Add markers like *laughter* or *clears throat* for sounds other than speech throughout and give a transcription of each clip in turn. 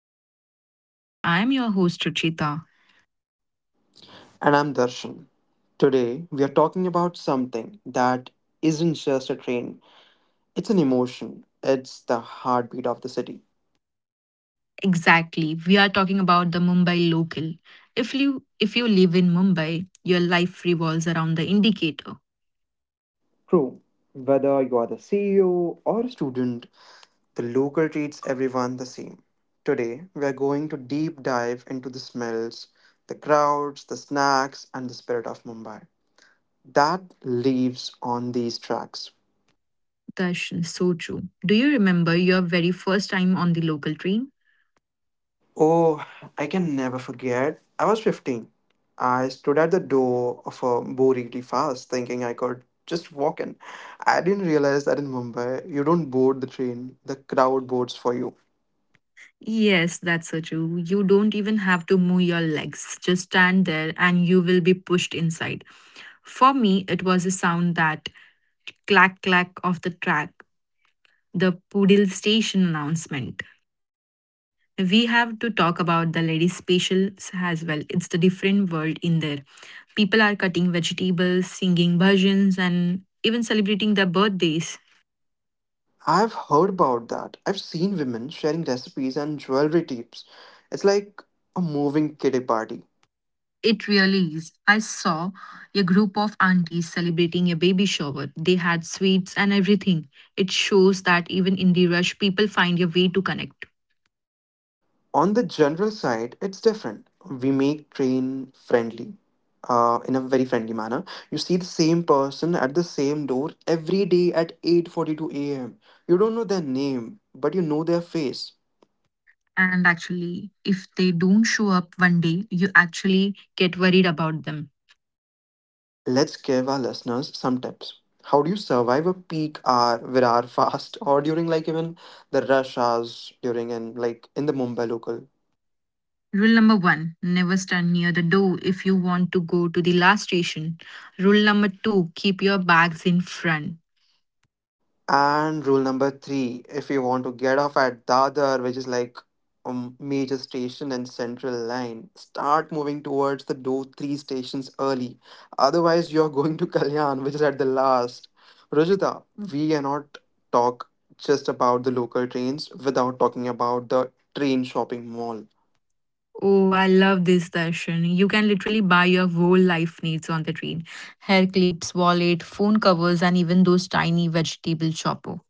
of our podcast. I'm your host, Ruchita. And I'm Darshan. Today, we are talking about something that isn't just a train, it's an emotion. It's the heartbeat of the city. Exactly, we are talking about the Mumbai local. If you live in Mumbai, your life revolves around the indicator. True, whether you are the CEO or a student, the local treats everyone the same. Today, we are going to deep dive into the smells, the crowds, the snacks, and the spirit of Mumbai that lives on these tracks. Darshan, so true. Do you remember your very first time on the local train? Oh, I can never forget. I was 15. I stood at the door of a Boriri fast, thinking I could just walk in. I didn't realize that in Mumbai, you don't board the train, the crowd boards for you. Yes, that's so true. You don't even have to move your legs, just stand there and you will be pushed inside. For me, it was a sound that clack clack of the track, the Poodle Station announcement. We have to talk about the ladies' specials as well. It's the different world in there. People are cutting vegetables, singing bhajans, and even celebrating their birthdays. I've heard about that. I've seen women sharing recipes and jewelry tips. It's like a moving kiddie party. It really is. I saw a group of aunties celebrating a baby shower. They had sweets and everything. It shows that even in the rush, people find a way to connect. On the general side, it's different. We make train friendly, in a very friendly manner. You see the same person at the same door every day at 8:42 a.m. You don't know their name, but you know their face. And actually, if they don't show up one day, you actually get worried about them. Let's give our listeners some tips. How do you survive a peak hour, virar fast, or during like even the rush hours during and like in the Mumbai local? Rule number one never stand near the door if you want to go to the last station. Rule number two keep your bags in front. And rule number three, if you want to get off at Dadar, which is like a major station and central line, start moving towards the do three stations early. Otherwise, you're *laughs* going to Kalyan, which is at the last. Rajita, we cannot talk just about the local trains without talking about the train shopping mall. Oh, I love this session. You can literally buy your whole life needs on the train. Hair clips, wallet, phone covers, and even those tiny vegetable chopper.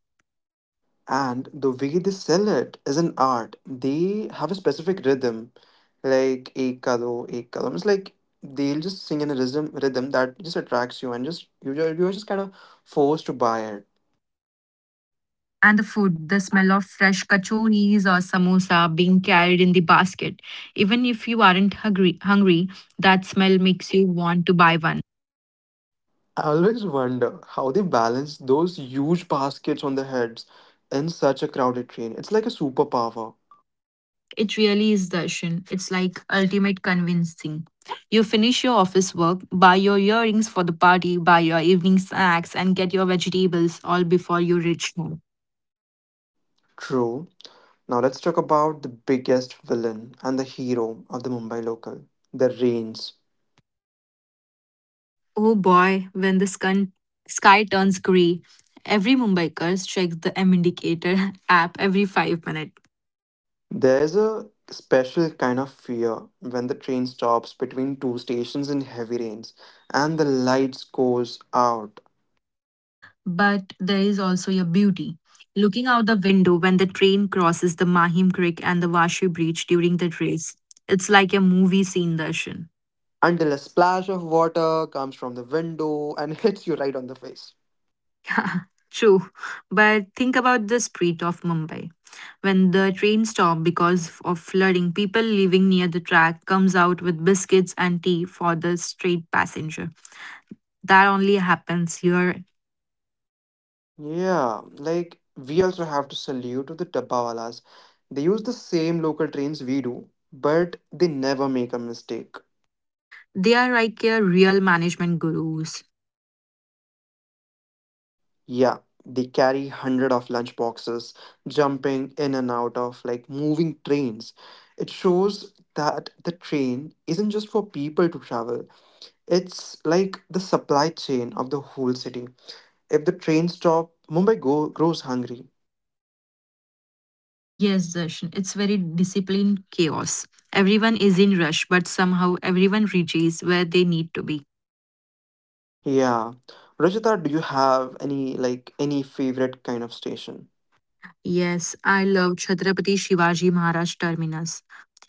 And the way they sell it is an art. They have a specific rhythm, like ek kado, ek kadam. It's like they'll just sing in a rhythm that just attracts you, and just you are just kind of forced to buy it. And the food, the smell of fresh kachoris or samosa being carried in the basket. Even if you aren't hungry, that smell makes you want to buy one. I always wonder how they balance those huge baskets on their heads in such a crowded train. It's like a superpower. It really is darshan. It's like ultimate convincing. You finish your office work, buy your earrings for the party, buy your evening snacks, and get your vegetables all before you reach home. True. Now let's talk about the biggest villain and the hero of the Mumbai local, the rains. Oh boy, when the sky turns grey, every Mumbaikar checks the M indicator *laughs* app every 5 minutes. There is a special kind of fear when the train stops between two stations in heavy rains and the lights goes out But there is also a beauty. Looking out the window when the train crosses the Mahim Creek and the Washi Bridge during the race, it's like a movie scene, Darshan. until a splash of water comes from the window and *laughs* hits you right on the face. True, but think about the street of Mumbai. When the train stops because of flooding, people living near the track comes out with biscuits and tea for the street passenger. That only happens here. Yeah, like we also have to salute to the dabbawalas. They use the same local trains we do, but they never make a mistake. They are like a real management gurus. Yeah, they carry hundred of lunch boxes, jumping in and out of like moving trains. It shows that the train isn't just for people to travel. It's like the supply chain of the whole city. If the train stop, Mumbai go- grows hungry. Yes, Darshan, it's very disciplined chaos. Everyone is in rush, but somehow everyone reaches where they need to be. Yeah. Rajita, do you have any like any favorite kind of station? Yes, I love Chhatrapati Shivaji Maharaj Terminus,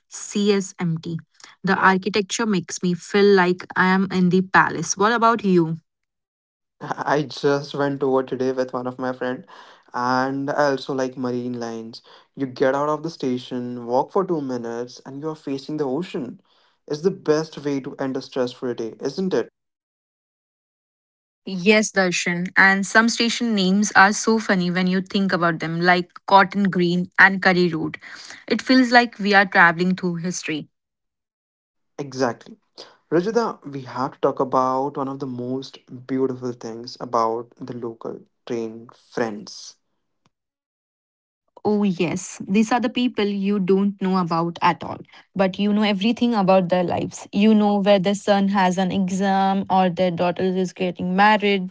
CSMT. The architecture makes me feel like I am in the palace. What about you? I just went over today with one of my friend and I also like marine lines. You get out of the station, walk for 2 minutes and you are facing the ocean. It's the best way to end a stressful day, isn't it? Yes, Darshan. And some station names are so funny when you think about them, like Cotton Green and Curry Road. It feels like we are traveling through history. Exactly. Rajita, we have to talk about one of the most beautiful things about the local train friends. Oh, yes, these are the people you don't know about at all, but you know everything about their lives. You know where their son has an exam or their daughter is getting married.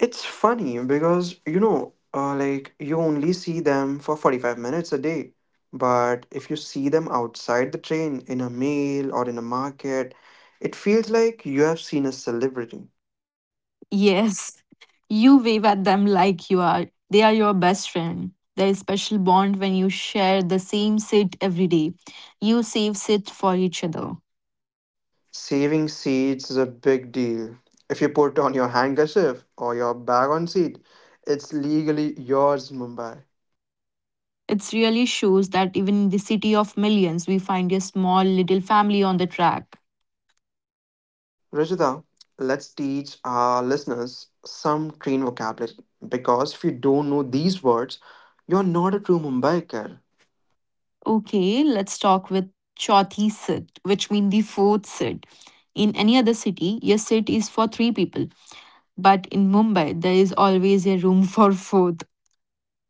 It's funny because like you only see them for 45 minutes a day. But if you see them outside the train in a mail or in a market, it feels like you have seen a celebrity. Yes, you wave at them like you are. They are your best friend. There is special bond when you share the same sit every day. You save sit for each other. Saving seats is a big deal. If you put on your handkerchief or your bag on seat, it's legally yours, in Mumbai. It really shows that even in the city of millions, we find a small little family on the track. Rajita, let's teach our listeners some train vocabulary because if you don't know these words, you're not a true Mumbaiker. Okay, let's talk with Chauthi sit, which means the fourth sit. In any other city, your sit is for three people. But in Mumbai, there is always a room *laughs* for fourth.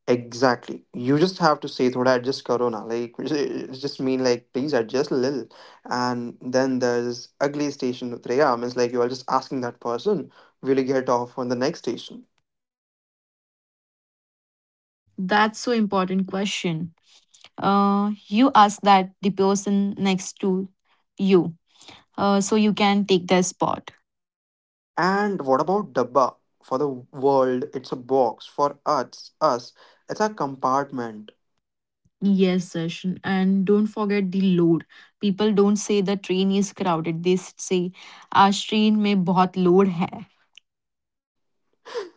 Exactly. You just have to say thoda adjust karo na. Like *laughs* just mean like please adjust a little. And then there's ugly station utrega means like you are just asking that person, will you get off on the next station? That's so important question. You ask that the person next to you, so you can take their spot. And what about dabba? For the world, it's a box. For us, it's a compartment. Yes, session. And don't forget the load. People don't say the train is crowded. They say our train में बहुत load है.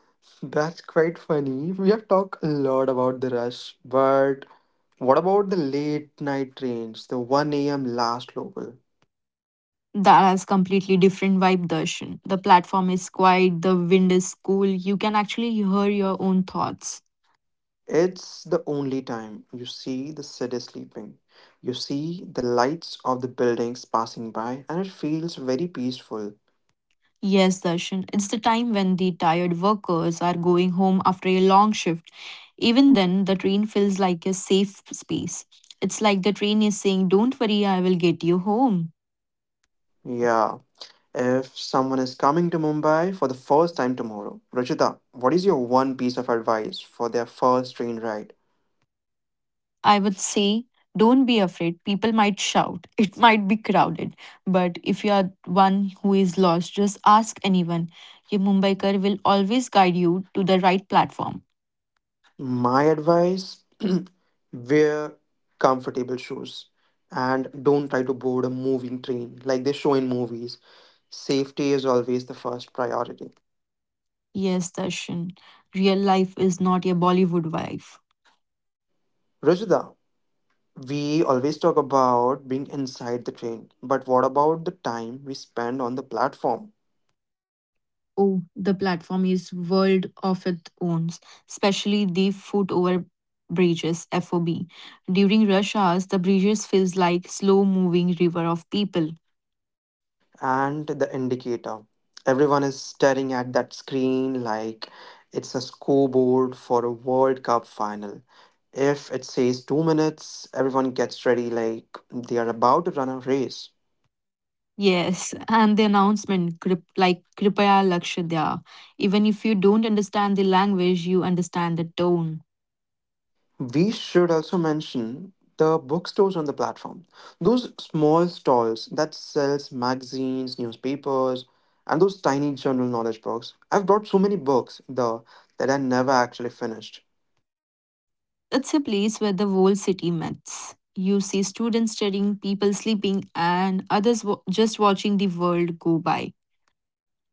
*laughs* That's quite funny. We have talked a lot about the rush, but what about the late night trains, the 1 a.m. last local? That has completely different vibe, Darshan. The platform is quiet, the wind is cool. You can actually hear your own thoughts. It's the only time you see the city sleeping. You see the lights of the buildings passing by, and it feels very peaceful. Yes, Darshan. It's the time when the tired workers are going home after a long shift. Even then, the train feels like a safe space. It's like the train is saying, Don't worry, I will get you home. Yeah, if someone is coming to Mumbai for the first time tomorrow, Ruchita, what is your one piece of advice for their first train ride? I would say, Don't be afraid. People might shout. *laughs* It might be crowded. But if you are one who is lost, just ask anyone. Your Mumbaikar will always guide you to the right platform. My advice, *clears throat* wear comfortable shoes and don't try to board a moving train like they show in movies. Safety is always the first priority. Yes, Darshan. Real life is not a Bollywood wife. Rajda, we always talk about being inside the train, but what about the time we spend on the platform Oh, the platform is world of its own, especially the foot over bridges (FOB). During rush hours, the bridges feels like slow-moving river of people. and the indicator? Everyone is staring at that screen like it's a scoreboard for a World Cup final. If it says 2 minutes, everyone gets ready like they are about to run a race. Yes, *laughs* and the announcement "Krip- like Kripaya Lakshadya. Even if you don't understand the language, you understand the tone. We should also mention the bookstores on the platform. Those small stalls that sells magazines, newspapers, and those tiny general knowledge books. I've brought so many books there that I never actually finished. It's a place where the whole city meets. You see students studying, people sleeping, and just watching the world go by.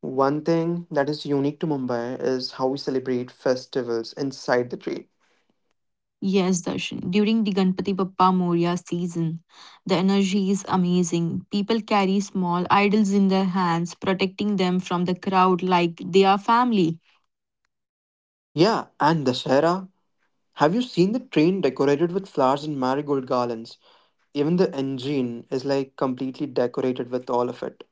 One thing that is unique to Mumbai is how we celebrate festivals inside the train. Yes, Darshan. During the Ganpati Bappa Moria season, the energy is amazing. People carry small idols in their hands, protecting them from the crowd like they are family. Yeah, and Dashera. Have you seen the train decorated with flowers and marigold garlands? Even the engine is like completely decorated with all of it.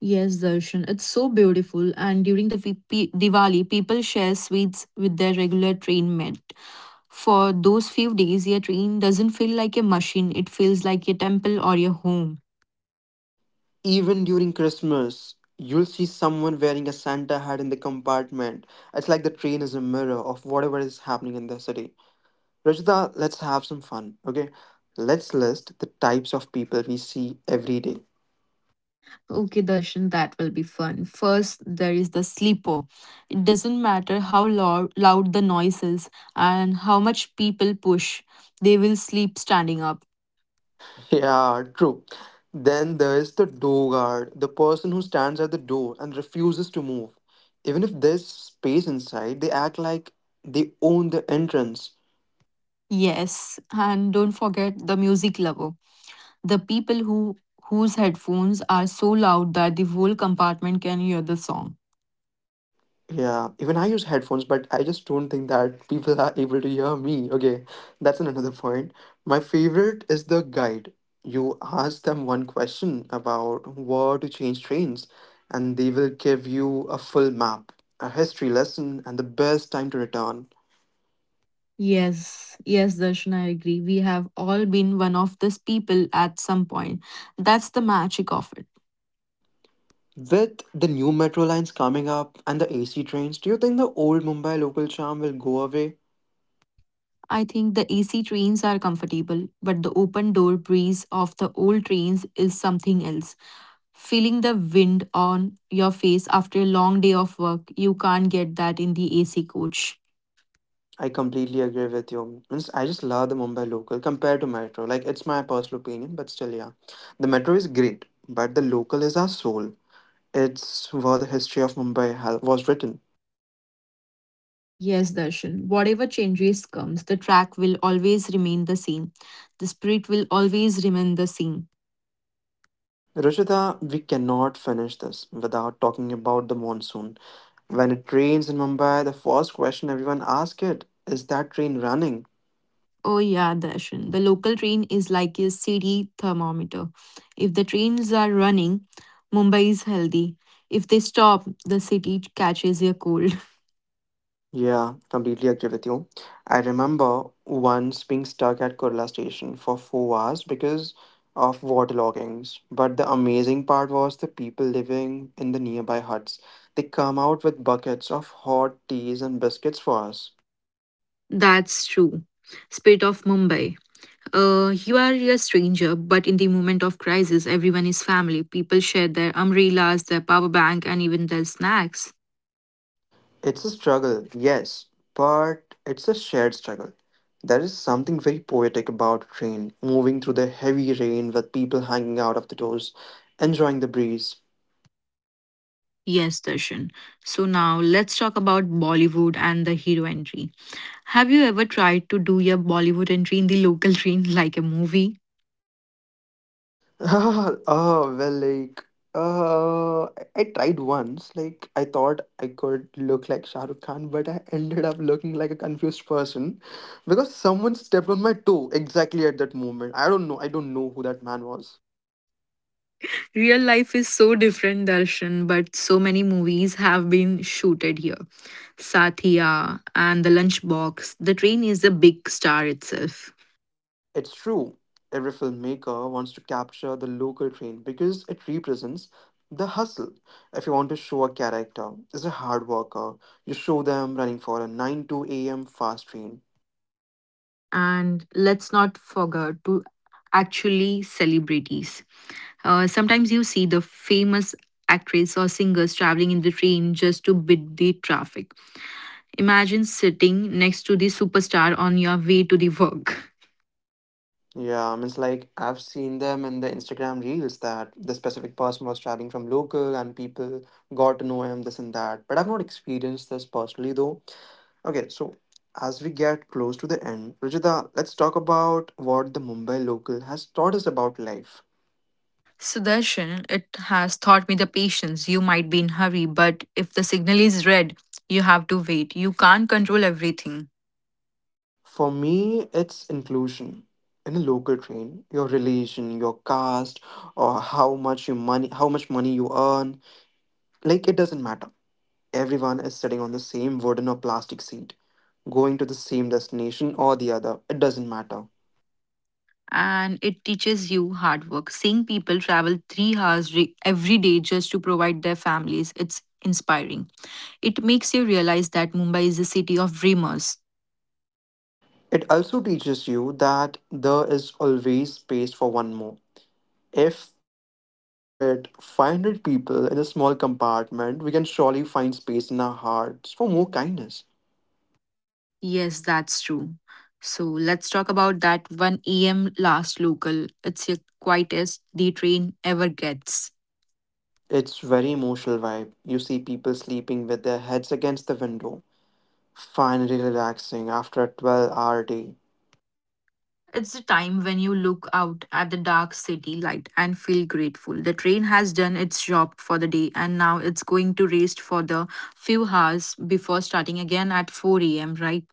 Yes, Darshan. It's so beautiful. And during the Diwali, people share sweets with their regular train mate. For those few days, your train doesn't feel like a machine, it feels like a temple or your home. Even during Christmas, you'll see someone wearing a Santa hat in the compartment. It's like the train is a mirror of whatever is happening in the city. Rajita, let's have some fun, okay? Let's list the types of people we see every day. *laughs* Okay, Darshan, that will be fun. First, there is the sleeper. It doesn't matter how loud the noise is and how much people push, they will sleep standing up. Yeah, true. Then there's the door guard, the person who stands at the door and refuses to move. Even if there's space inside, they act like they own the entrance. Yes, and don't forget the music lover. The people whose headphones are so loud that the whole compartment can hear the song. Yeah, even I use headphones, but I just don't think that people are able to hear me. Okay, that's an- another point. My favorite is the guide. You ask them one question about where to change trains, and they will give you a full map, a history lesson, and the best time to return. Yes, yes, Darshan, I agree. We have all been one of these people at some point. That's the magic of it. With the new metro lines coming up and the AC trains, do you think the old Mumbai local charm will go away? I think the AC trains are comfortable, but the open door breeze of the old trains is something else. Feeling the wind on your face after a long day of work, you can't get that in the AC coach. I completely agree with you. And s- I just love the Mumbai local compared to metro. Like it's my personal opinion, but still, yeah, the metro is great, but the local is our soul. It's where the history of Mumbai ha- was written. Yes, Darshan, whatever changes comes, the track will always remain the same. The spirit will always remain the same. Ruchita, we cannot finish this without talking about the monsoon. When it rains in Mumbai, the first question everyone asks it is that train running? Oh yeah, Darshan. The local train is like a city thermometer. If the trains are running, Mumbai is healthy. If they stop, the city catches a cold. Yeah, completely agree with you. I remember once being stuck at Kurla station for 4 hours because of waterloggings. But the amazing part was the people living in the nearby huts. They come out with buckets of hot teas and biscuits for us. *laughs* That's true. Spit of Mumbai. You are a stranger, but in the moment of crisis, everyone is family. People share their umbrellas, their power bank, and even their snacks. It's a struggle, yes, but it's a shared struggle. There is something very poetic about train moving through the heavy rain with people hanging out of the doors, enjoying the breeze. Yes, Darshan. So now let's talk about Bollywood and the hero entry. Have you ever tried to do your Bollywood entry in the local train *laughs* like a movie? *laughs* Oh, well, like, I tried once. Like, I thought I could look like Shah Rukh Khan, but I *laughs* ended up looking like a confused person because someone stepped on my toe exactly at that moment. I don't know. I don't know who that man was. Real life is so different, Darshan, but so many movies have been shooted here. Satya and The Lunchbox, the train is a big star itself. It's true. Every filmmaker wants to capture the local train because it represents the hustle. If you want to show a character is a hard worker, you show them running for a 9 to a.m. fast train. And let's not forget to actually celebrities sometimes you see the famous actress or singers traveling in the train just to beat the traffic. Imagine sitting next to the superstar on your way to the work. Yeah, I mean, it's like I've seen them in the Instagram reels that the specific person was traveling from local and people got to know him, this and that. But I've not experienced this personally though. Okay, so as we get close to the end, Rajita, let's talk about what the Mumbai local has taught us about life. Sudarshan, it has taught me the patience. You might be in hurry, but if the signal is red, you have to wait. You can't control everything. For me, it's inclusion. In a local train, your religion, your caste, or how much you money, how much money you earn, like it doesn't matter. Everyone is sitting on the same wooden or plastic seat, going to the same destination or the other, it doesn't matter. And it teaches you hard work. Seeing people travel 3 hours every day just to provide their families, it's inspiring. It makes you realize that Mumbai is a city of dreamers. It also teaches you that there is always space for one more. If we can fit 500 people in a small compartment, we can surely find space in our hearts for more kindness. Yes, that's true. So let's talk about that 1 a.m. last local. It's your quietest the train ever gets. It's very emotional vibe. You see people sleeping with their heads against the window, finally relaxing after a 12-hour day. It's the time when you look out at the dark city light and feel grateful. The train has done its job for the day and now it's going to rest for the few hours before starting again at 4 a.m., right?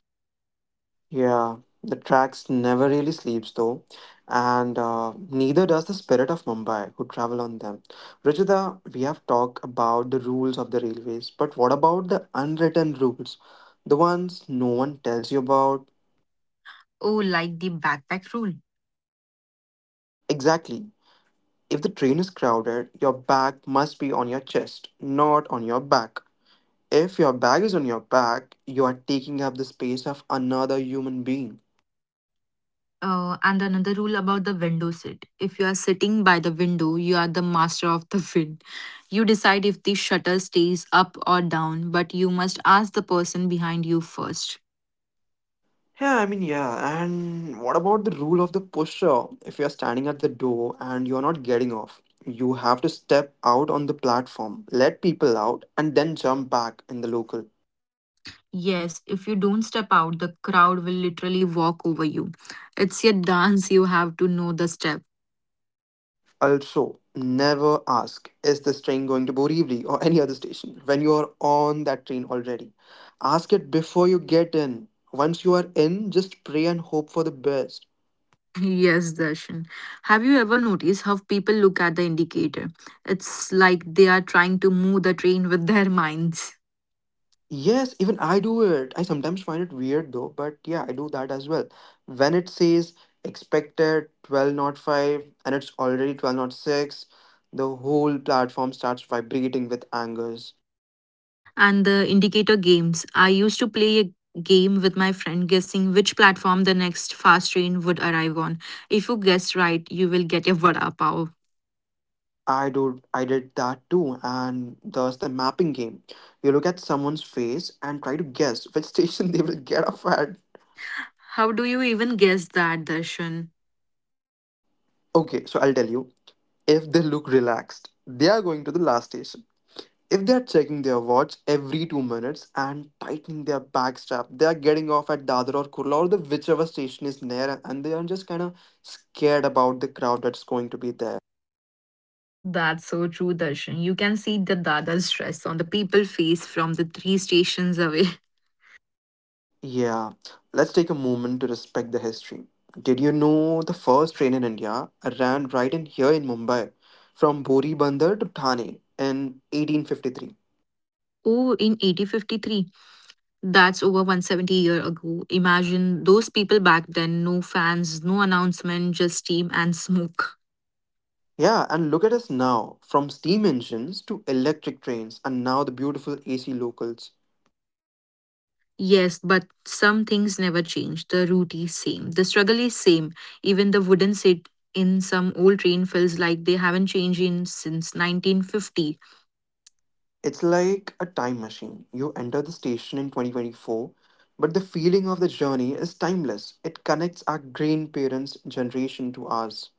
Yeah, the tracks never really sleeps though, and neither does the spirit of Mumbai who travel on them. Rajita, we have talked about the rules of the railways, but what about the unwritten rules? The ones no one tells you about? Oh, like the backpack rule. Exactly. If the train is crowded, your bag must be on your chest, not on your back. If your bag is on your back, you are taking up the space of another human being. And another rule about the window seat. If you are sitting by the window, you are the master of the wind. You decide if the shutter stays up or down, but you must ask the person behind you first. Yeah, I mean, yeah. And what about the rule of the pusher? If you're standing at the door and you're not getting off, you have to step out on the platform, let people out, and then jump back in the local. Yes, if you don't step out, the crowd will literally walk over you. It's a dance, you have to know the step. Also, never ask, is this train going to Borivali or any other station when you are on that train already? Ask it before you get in. Once you are in, just pray and hope for the best. *laughs* Yes, Darshan. Have you ever noticed how people look at the indicator? It's like they are trying to move the train *laughs* with their minds. Yes, even I do it. I sometimes find it weird though, but yeah, I do that as well. When it says expected 12 not five, and it's already 12 not six, the whole platform starts vibrating with angers. And the indicator games. I used to play a game with my friend guessing which platform the next fast train would arrive on. If you guess right, you will get a *laughs* vada pav. I did that too, and thus the mapping game. You look at someone's face and try to guess which *laughs* station they will get off at. How do you even guess that, Darshan? Okay, so I'll tell you. If they look relaxed, they are going to the last station. If they're checking their watch every 2 minutes and tightening their back strap, they are getting off at Dadar or Kurla or the whichever station is near, and they are just kind of scared about the crowd that's going to be there. That's so true, Darshan. You can see the Dada's stress on the people face from the three stations away. *laughs* Yeah, let's take a moment to respect the history. Did you know the first train in India ran right in here in Mumbai from Bori Bandar to Thane in 1853? Oh, in 1853, that's over 170 year ago. Imagine those people back then, no fans, no announcement, just steam and smoke. Yeah, and look at us now from steam engines to electric trains, and now the beautiful AC locals. Yes, but some things never change. The route is same. The struggle is same. Even the wooden seat in some old train feels like they haven't changed in since 1950. It's like a time machine. You enter the station in 2024, but the feeling of the journey is timeless. It connects our grandparents' generation to ours.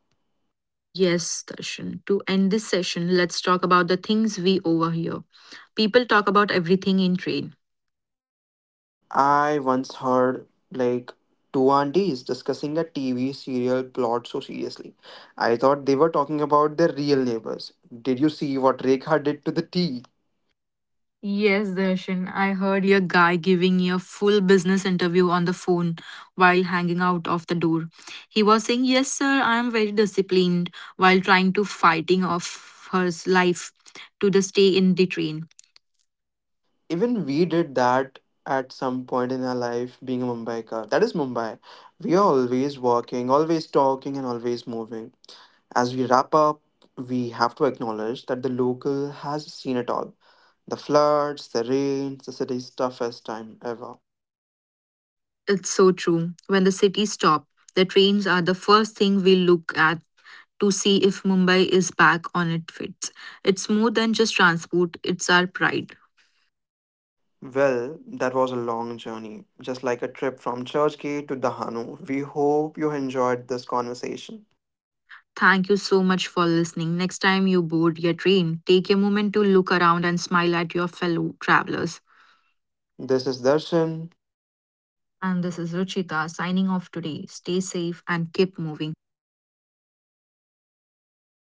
Yes, Darshan. To end this session, let's talk about the things we overhear. People talk about everything in train. I once heard like two aunties discussing a TV serial plot so seriously. I thought they were talking about their real neighbors. Did you see what Rekha did to the tea? Yes, Darshan. I heard your guy giving you a full business interview on the phone while hanging out of the door. He was saying, "Yes, sir, I am very disciplined," while trying to fighting off her life to the stay in the train. Even we did that at some point in our life being a Mumbaikar. That is Mumbai. We are always working, always talking, and always moving. As we wrap up, we have to acknowledge that the local has seen it all the floods, the rains, the city's toughest time ever. It's so true. When the cities stop, the trains are the first thing we look at to see if Mumbai is back on its feet. It's more than just transport, it's our pride. Well, that was a long journey, just like a trip from Churchgate to Dahanu. We hope you enjoyed this conversation. Thank you so much for listening. Next time you board your train, take a moment to look around and smile at your fellow travelers. This is Darshan. And this is Ruchita signing off today. Stay safe and keep moving.